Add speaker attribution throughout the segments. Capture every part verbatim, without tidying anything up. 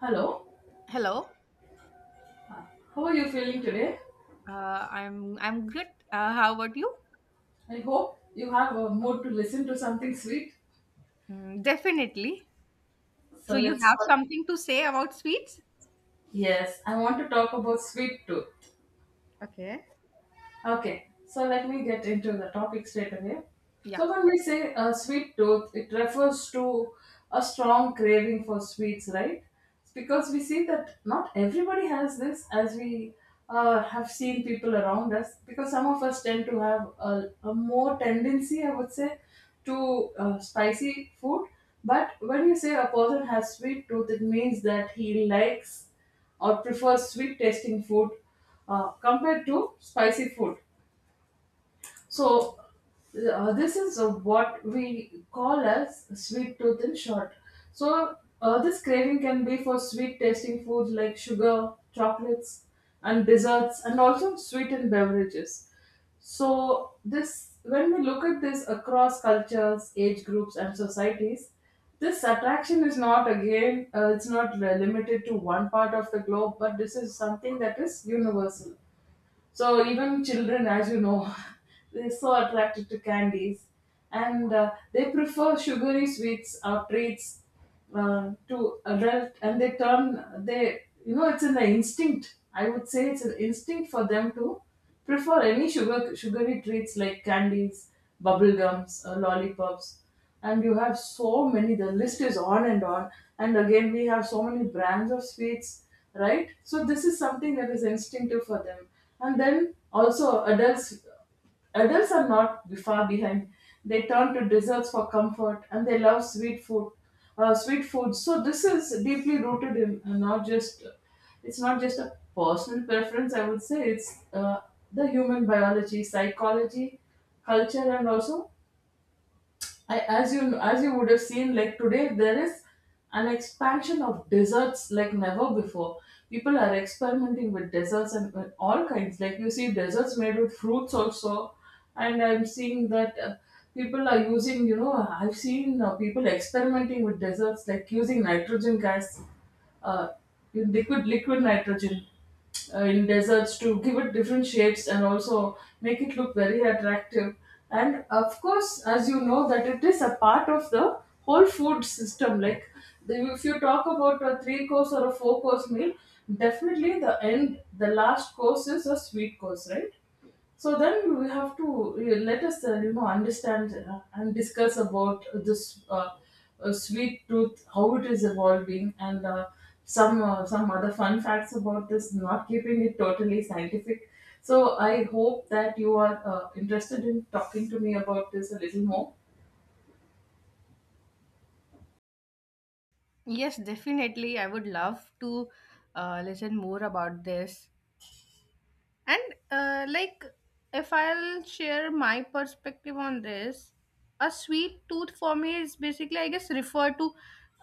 Speaker 1: Hello,
Speaker 2: Hello.
Speaker 1: how are you feeling today?
Speaker 2: Uh, I'm I'm good. Uh, how about you?
Speaker 1: I hope you have a mood to listen to something sweet.
Speaker 2: Mm, definitely.
Speaker 1: So
Speaker 2: So you
Speaker 1: let's
Speaker 2: have
Speaker 1: talk.
Speaker 2: something to say about sweets?
Speaker 1: Yes, I want to talk about sweet tooth.
Speaker 2: Okay.
Speaker 1: Okay, so let me get into the topic straight away.
Speaker 2: Yeah.
Speaker 1: So, when we say a sweet tooth, it refers to a strong craving for sweets, right? Because we see that not everybody has this, as we uh, have seen people around us, because some of us tend to have a, a more tendency, I would say, to uh, spicy food. But when you say a person has sweet tooth, it means that he likes or prefers sweet tasting food uh, compared to spicy food. So uh, this is uh, what we call as sweet tooth in short. So uh, this craving can be for sweet tasting foods like sugar, chocolates, and desserts, and also sweetened beverages. So this, when we look at this across cultures, age groups, and societies, this attraction is not again, uh, it's not uh, limited to one part of the globe, but this is something that is universal. So even children, as you know, they're so attracted to candies, and uh, they prefer sugary sweets or treats uh, to adult, and they turn they you know it's an instinct. I would say it's an instinct for them to prefer any sugar sugary treats like candies, bubble gums, or lollipops. And you have so many, the list is on and on. And again, we have so many brands of sweets, right? So, this is something that is instinctive for them. And then also, adults Adults are not be- far behind. They turn to desserts for comfort and they love sweet food. Uh, sweet food. So this is deeply rooted in uh, not just, it's not just a personal preference. I would say it's uh, the human biology, psychology, culture, and also, I, as you as you would have seen, like today there is an expansion of desserts like never before. People are experimenting with desserts and with all kinds. Like you see desserts made with fruits also, and I'm seeing that uh, people are using. You know, I've seen uh, people experimenting with desserts like using nitrogen gas, uh, in liquid liquid nitrogen uh, in deserts to give it different shapes and also make it look very attractive. And of course, as you know, that it is a part of the whole food system. Like the, if you talk about a three course or a four course meal, definitely the end, the last course is a sweet course, right? So then we have to uh, let us uh, you know understand uh, and discuss about this uh, uh, sweet tooth, how it is evolving, and uh, some uh, some other fun facts about this. Not keeping it totally scientific. So I hope that you are uh, interested in talking to me about this a little more.
Speaker 2: Yes, definitely. I would love to uh, listen more about this. And uh, like, if I'll share my perspective on this, a sweet tooth for me is basically, I guess, refer to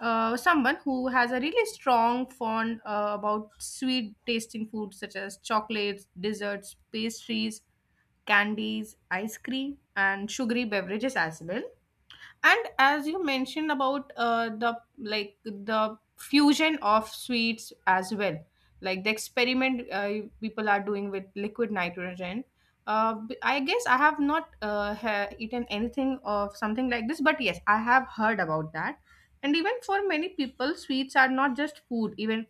Speaker 2: uh, someone who has a really strong fond uh, about sweet tasting foods such as chocolates, desserts, pastries, candies, ice cream, and sugary beverages as well. And as you mentioned about uh, the like the fusion of sweets as well, like the experiment uh, people are doing with liquid nitrogen, uh, b- I guess I have not uh, ha- eaten anything of something like this, but yes, I have heard about that. And even for many people, sweets are not just food, even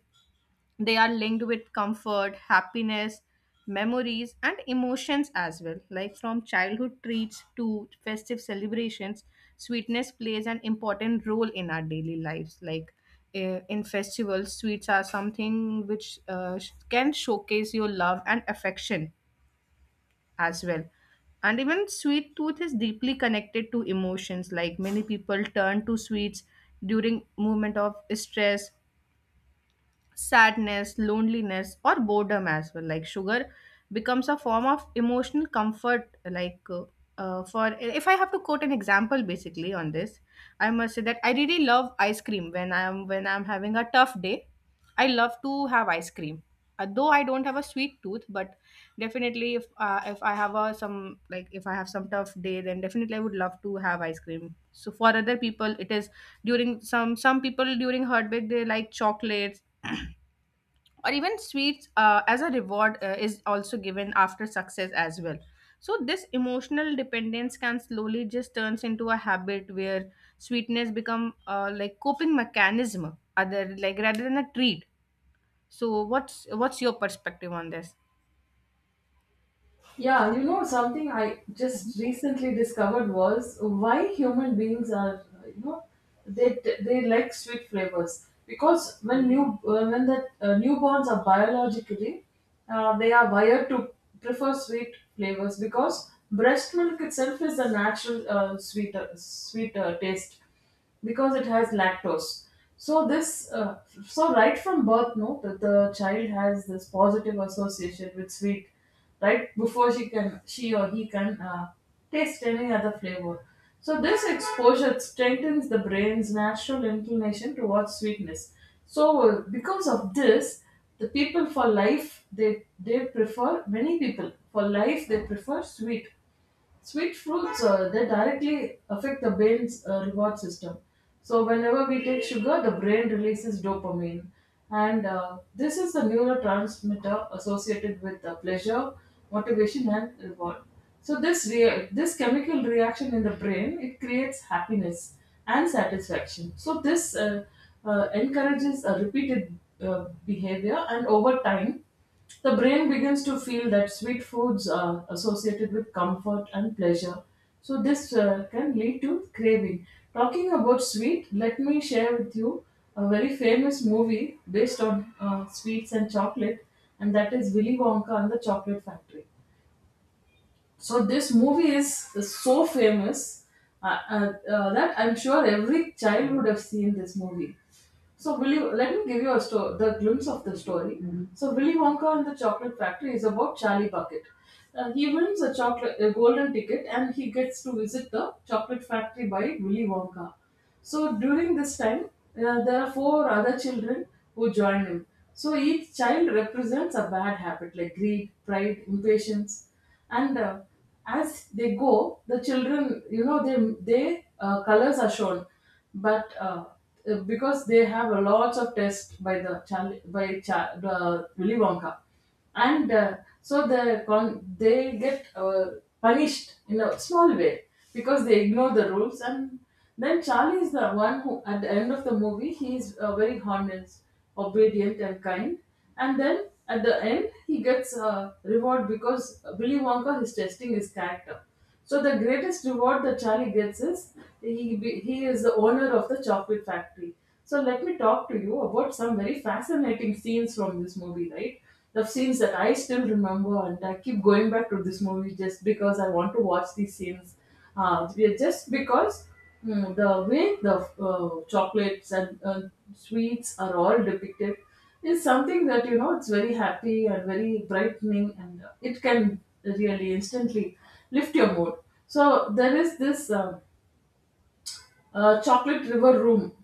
Speaker 2: they are linked with comfort, happiness, memories, and emotions as well. Like from childhood treats to festive celebrations, sweetness plays an important role in our daily lives. Like eh, in festivals, sweets are something which uh, sh- can showcase your love and affection as well. And even sweet tooth is deeply connected to emotions. Like many people turn to sweets during moment of stress, sadness, loneliness, or boredom as well. Like sugar becomes a form of emotional comfort. Like uh, uh, for if I have to quote an example basically on this, I must say that I really love ice cream when I'm when I'm having a tough day. I love to have ice cream. Uh, Though I don't have a sweet tooth, but definitely if uh, if I have a some, like if I have some tough day, then definitely I would love to have ice cream. So for other people, it is during some some people during heartbreak they like chocolates or even sweets uh, as a reward uh, is also given after success as well. So this emotional dependence can slowly just turns into a habit where sweetness become uh, like coping mechanism, other like rather than a treat. So what's what's your perspective on this?
Speaker 1: Yeah, you know something I just recently discovered was why human beings, are you know, they they like sweet flavors because when new uh, when the uh, newborns are biologically, uh, they are wired to prefer sweet flavors because breast milk itself is a natural uh, sweeter sweeter taste because it has lactose. So this, uh, so right from birth, no, that the child has this positive association with sweet, right before she can, she or he can uh, taste any other flavor. So this exposure strengthens the brain's natural inclination towards sweetness. So uh, because of this, the people for life they they prefer many people for life they prefer sweet Sweet fruits. Uh, they directly affect the brain's uh, reward system. So whenever we take sugar, the brain releases dopamine, and uh, this is the neurotransmitter associated with uh, pleasure, motivation, and reward. So this rea- this chemical reaction in the brain, it creates happiness and satisfaction. So this uh, uh, encourages a repeated uh, behavior, and over time the brain begins to feel that sweet foods are associated with comfort and pleasure. So, this uh, can lead to craving. Talking about sweet, let me share with you a very famous movie based on uh, sweets and chocolate, and that is Willy Wonka and the Chocolate Factory. So, this movie is, is so famous, uh, uh, uh, that I'm sure every child would have seen this movie. So Willy, let me give you a story, the glimpse of the story. Mhm. So Willy Wonka and the Chocolate Factory is about Charlie Bucket. Uh, he wins a chocolate, a golden ticket, and he gets to visit the chocolate factory by Willy Wonka. So during this time, uh, there are four other children who join him. So each child represents a bad habit like greed, pride, impatience, and uh, as they go, the children, you know, they they uh, colors are shown, but uh, uh, because they have a lot of test by the Charlie, by Char, the Willy Wonka, and uh, so the con- they get uh, punished in a small way because they ignore the rules, and then Charlie is the one who at the end of the movie he is uh, very honest, obedient and kind, and then at the end he gets a reward because Willy Wonka is testing his character. So the greatest reward that Charlie gets is he be, he is the owner of the chocolate factory. So let me talk to you about some very fascinating scenes from this movie, right? The scenes that I still remember, and I keep going back to this movie just because I want to watch these scenes. Uh, we- are just because mm, The way the uh, chocolates and uh, sweets are all depicted is something that, you know, it's very happy and very brightening, and uh, it can really instantly lift your mood. So there is this uh, uh, Chocolate River Room.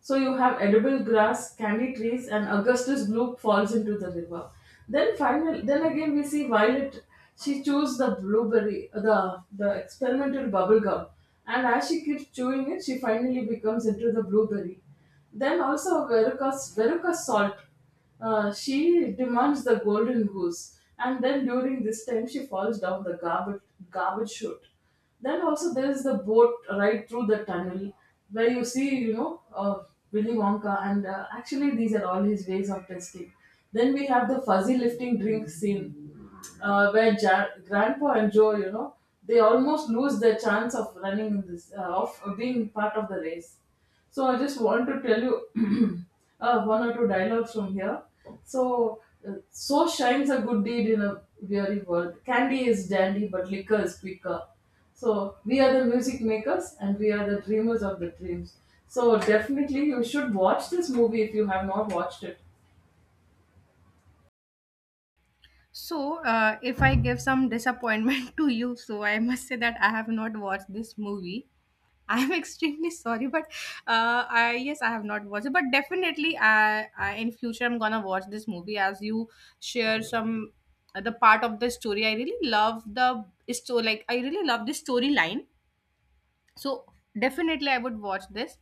Speaker 1: So you have edible grass, candy trees, and Augustus Bloop falls into the river. Then final, then again we see Violet. She chews the blueberry, the the experimental bubble gum, and as she keeps chewing it, she finally becomes into the blueberry. Then also Veruca's Veruca Salt. Uh, she demands the golden goose, and then during this time she falls down the garbage garbage chute. Then also there is the boat ride through the tunnel where you see, you know, uh, Willy Wonka, and uh, actually these are all his ways of testing. Then we have the fuzzy lifting drink scene uh, where ja- Grandpa and Joe, you know, they almost lose their chance of running in this, uh, of of being part of the race. So I just want to tell you uh, one or two dialogues from here. So, uh, so shines a good deed in a weary world. Candy is dandy, but liquor is quicker. So we are the music makers and we are the dreamers of the dreams. So definitely you should watch this movie if you have not watched it.
Speaker 2: So uh, if I give some disappointment to you, so I must say that I have not watched this movie. I'm extremely sorry, but uh, I yes, I have not watched it, but definitely, I, I in future I'm gonna watch this movie as you share some uh, the part of the story. I really love the story, like I really love the storyline. So definitely I would watch this.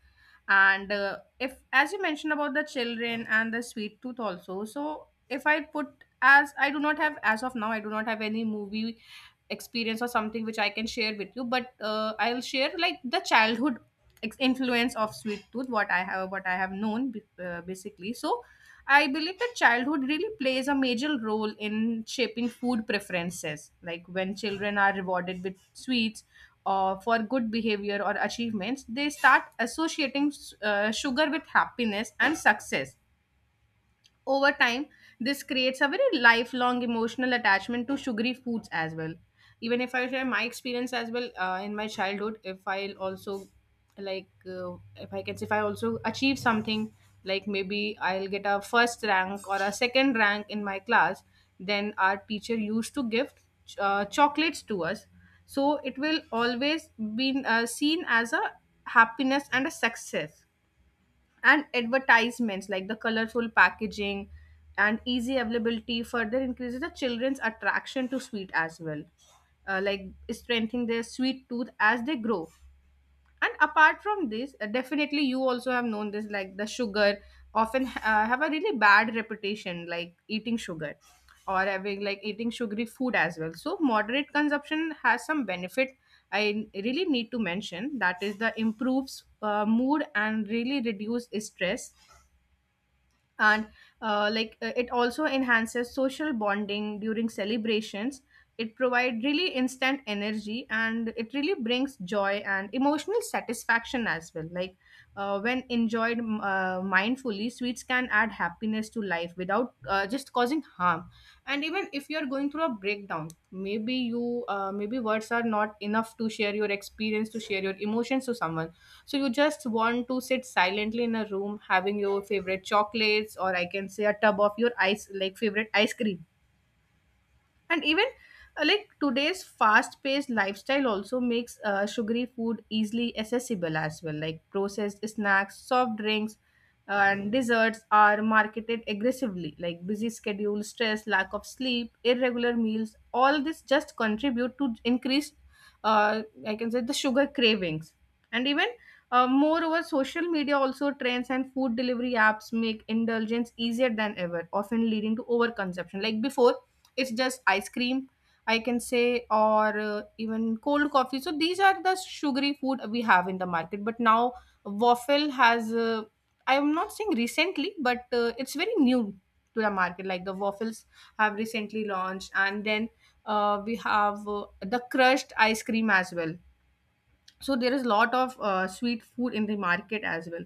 Speaker 2: And uh, if as you mentioned about the children and the sweet tooth also, so if I put as I do not have, as of now I do not have any movie experience or something which I can share with you, but uh, I'll share like the childhood ex- influence of sweet tooth, what I have, what I have known, b- uh, basically. So I believe that childhood really plays a major role in shaping food preferences. Like when children are rewarded with sweets uh, for good behavior or achievements, they start associating uh, sugar with happiness and success. Over time, this creates a very lifelong emotional attachment to sugary foods as well. Even if I share my experience as well, uh, in my childhood, if I also like, uh, if I can say, if I also achieve something, like maybe I'll get a first rank or a second rank in my class, then our teacher used to give uh, chocolates to us. So it will always be uh, seen as a happiness and a success. And advertisements like the colorful packaging and easy availability further increases the children's attraction to sweet as well, uh, like strengthening their sweet tooth as they grow. And apart from this, uh, definitely you also have known this, like the sugar often uh, have a really bad reputation, like eating sugar or having like eating sugary food as well. So moderate consumption has some benefit, I really need to mention, that is the improves uh, mood and really reduce stress. And uh, like uh, it also enhances social bonding during celebrations. It provides really instant energy and it really brings joy and emotional satisfaction as well. Like uh, when enjoyed uh, mindfully, sweets can add happiness to life without uh, just causing harm. And even if you are going through a breakdown, maybe you, uh, maybe words are not enough to share your experience, to share your emotions to someone. So you just want to sit silently in a room, having your favorite chocolates, or I can say a tub of your ice, like favorite ice cream. And even uh, like today's fast-paced lifestyle also makes uh, sugary food easily accessible as well, like processed snacks, soft drinks, uh, and desserts are marketed aggressively, like busy schedule, stress, lack of sleep, irregular meals, all this just contribute to increased uh, I can say the sugar cravings. And even uh, moreover social media also trends and food delivery apps make indulgence easier than ever, often leading to overconsumption. Like before, it's just ice cream, I can say, or uh, even cold coffee. So these are the sugary food we have in the market, but now waffle has, uh, I am not saying recently, but uh, it's very new to the market. Like the waffles have recently launched, and then uh, we have uh, the crushed ice cream as well. So there is lot of uh, sweet food in the market as well.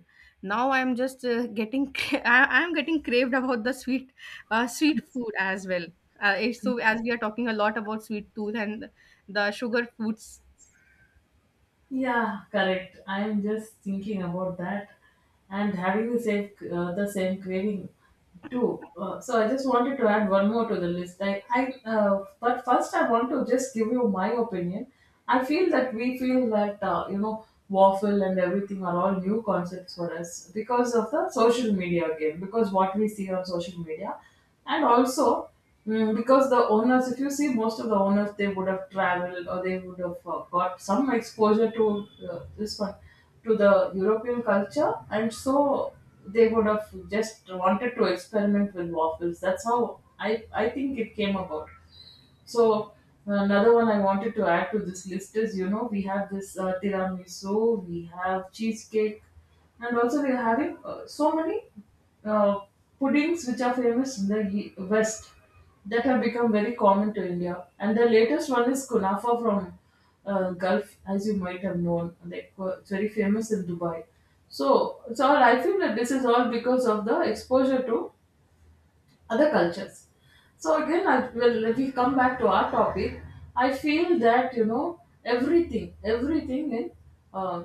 Speaker 2: Now I'm just uh, getting, I- I'm getting craved about the sweet, uh, sweet food as well. Uh, it's- so as we are talking a lot about sweet tooth and the sugar foods,
Speaker 1: Yeah, correct. I'm just thinking about that and having the same uh, the same craving too. Uh, so I just wanted to add one more to the list. I, I uh, But first I want to just give you my opinion. I feel that we feel that uh, you know, waffle and everything are all new concepts for us because of the social media again. Because what we see on social media, and also, mm, because the owners, if you see, most of the owners they would have traveled or they would have uh, got some exposure to uh, this one, to the European culture, and so they would have just wanted to experiment with waffles. That's how I I think it came about. So another one I wanted to add to this list is, you know, we have this uh, tiramisu, we have cheesecake, and also we are having uh, so many uh, puddings which are famous in the ye- West that have become very common to India. And the latest one is kunafa from uh, Gulf, as you might have known. Like, uh, it's very famous in Dubai. So, so I feel that this is all because of the exposure to other cultures. So again, I will, if we come back to our topic, I feel that, you know, everything, everything in uh,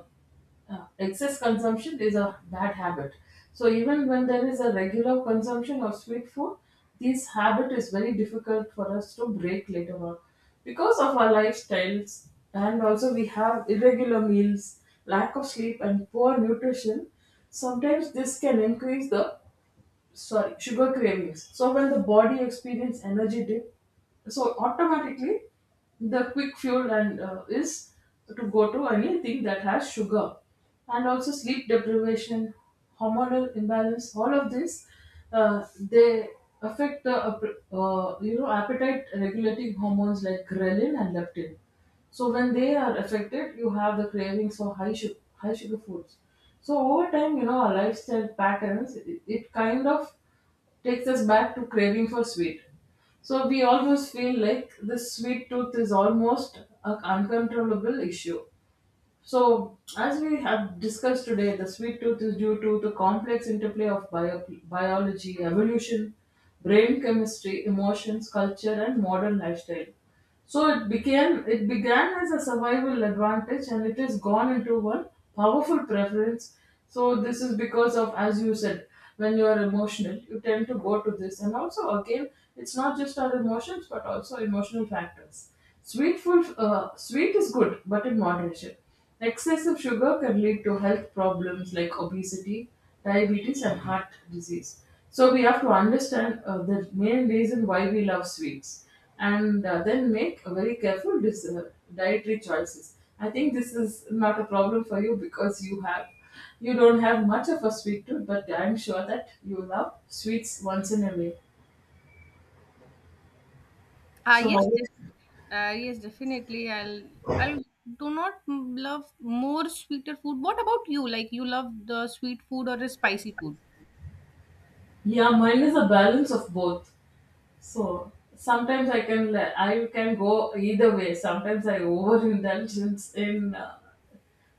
Speaker 1: uh, excess consumption is a bad habit. So even when there is a regular consumption of sweet food, this habit is very difficult for us to break later on because of our lifestyles, and also we have irregular meals, lack of sleep, and poor nutrition. Sometimes this can increase the, sorry, sugar cravings. So when the body experience energy dip, so automatically the quick fuel and uh, is to go to anything that has sugar, and also sleep deprivation, hormonal imbalance. All of this, uh, they affect the uh, you know appetite regulating hormones like ghrelin and leptin. So when they are affected, you have the cravings for high sugar, high sugar foods. So over time, you know, our lifestyle patterns, it, it kind of takes us back to craving for sweet. So we always feel like this sweet tooth is almost an uncontrollable issue. So, as we have discussed today, the sweet tooth is due to the complex interplay of bio- biology, evolution, brain chemistry, emotions, culture, and modern lifestyle. So it became it began as a survival advantage and it has gone into one powerful preference. So this is because of, as you said, when you are emotional, you tend to go to this. And also again, it's not just our emotions but also emotional factors. Sweet food, uh, sweet is good, but in moderation. Excessive sugar can lead to health problems like obesity, diabetes, and heart disease. So we have to understand uh, the main reason why we love sweets, and uh, then make a very careful dis- uh, dietary choices. I think this is not a problem for you because you have you don't have much of a sweet tooth, but I'm sure that you love sweets once in a way.
Speaker 2: ah,
Speaker 1: So
Speaker 2: yes,
Speaker 1: how?
Speaker 2: yes, uh, yes, definitely i'll i'll do not m- love more sweeter food. What about you? Like you love the sweet food or the spicy food?
Speaker 1: Yeah, mine is a balance of both. So sometimes I can I can go either way. Sometimes I overindulgence in in, uh,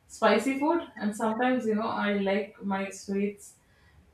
Speaker 1: spicy food, and sometimes you know I like my sweets.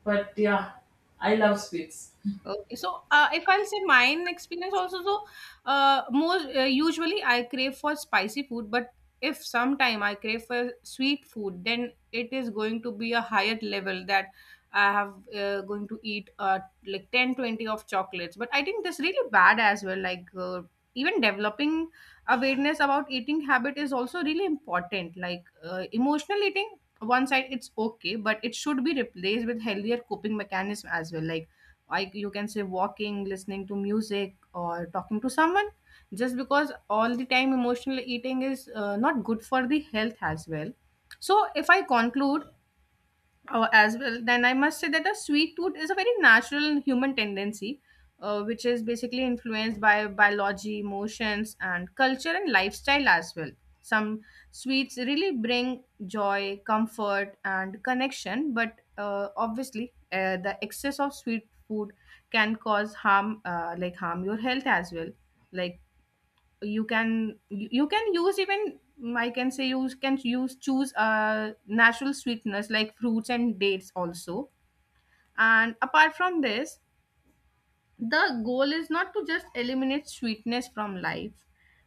Speaker 1: But yeah, I love sweets.
Speaker 2: Okay, so uh, if I'll say mine experience also, so uh, most uh, usually I crave for spicy food, but if sometime I crave for sweet food, then it is going to be a higher level that I have uh, going to eat uh, like ten twenty of chocolates. But I think that's really bad as well. Like uh, even developing awareness about eating habit is also really important. Like uh, emotional eating, one side it's okay, but it should be replaced with healthier coping mechanism as well. Like I, you can say walking, listening to music, or talking to someone. Just because all the time emotional eating is uh, not good for the health as well. So, if I conclude uh, as well, then I must say that a sweet tooth is a very natural human tendency uh, which is basically influenced by biology, emotions, and culture, and lifestyle as well. Some sweets really bring joy, comfort, and connection, but uh, obviously uh, the excess of sweet food can cause harm, uh, like harm your health as well. Like you can, you you can use, even mm, I can say you can use choose uh natural sweeteners like fruits and dates also. And apart from this, the goal is not to just eliminate sweetness from life,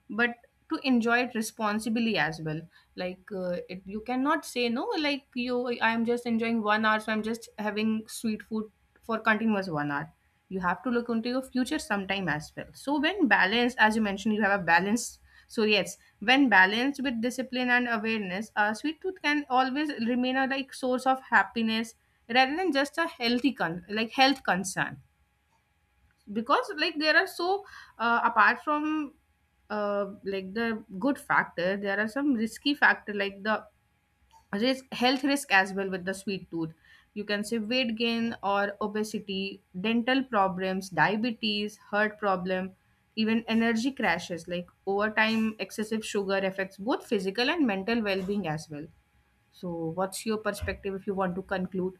Speaker 2: but to enjoy it responsibly as well. Like uh, it, you cannot say no, like you, I am just enjoying one hour, so I'm just having sweet food for continuous one hour. You have to look into your future sometime as well. So when balanced, as you mentioned, you have a balance. So yes, when balanced with discipline and awareness, uh, sweet tooth can always remain a like source of happiness, rather than just a healthy con- like health concern. Because like there are so uh, apart from uh, like the good factor, there are some risky factor, like the risk, health risk as well with the sweet tooth. You can say weight gain or obesity, dental problems, diabetes, heart problem, even energy crashes. Like over time excessive sugar affects both physical and mental well-being as well. So what's your perspective if you want to conclude?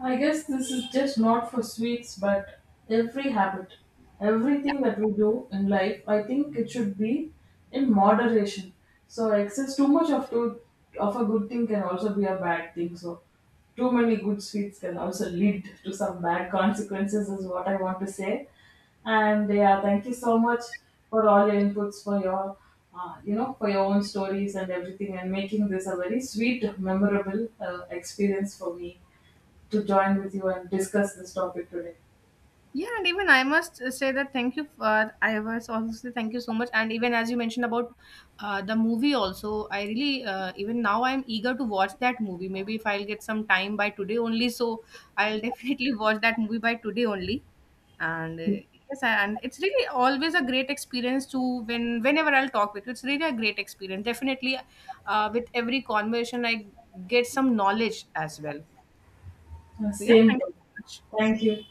Speaker 1: I guess this is just not for sweets, but every habit, everything that we do in life, I think it should be in moderation. So excess, too much of, too of a good thing can also be a bad thing. So too many good sweets can also lead to some bad consequences is what I want to say. And yeah, thank you so much for all your inputs, for your uh, you know, for your own stories and everything, and making this a very sweet, memorable uh, experience for me to join with you and discuss this topic today.
Speaker 2: Yeah, and even I must say that thank you for, I was also say thank you so much. And even as you mentioned about uh, the movie, also I really uh, even now I'm eager to watch that movie. Maybe if I'll get some time by today only, so I'll definitely watch that movie by today only. And uh, yes, and it's really always a great experience to when whenever I'll talk with you, it's really a great experience. Definitely, uh, with every conversation, I get some knowledge as well.
Speaker 1: Uh,
Speaker 2: So yeah,
Speaker 1: same
Speaker 2: thank you
Speaker 1: here.
Speaker 2: so much.
Speaker 1: Thank you.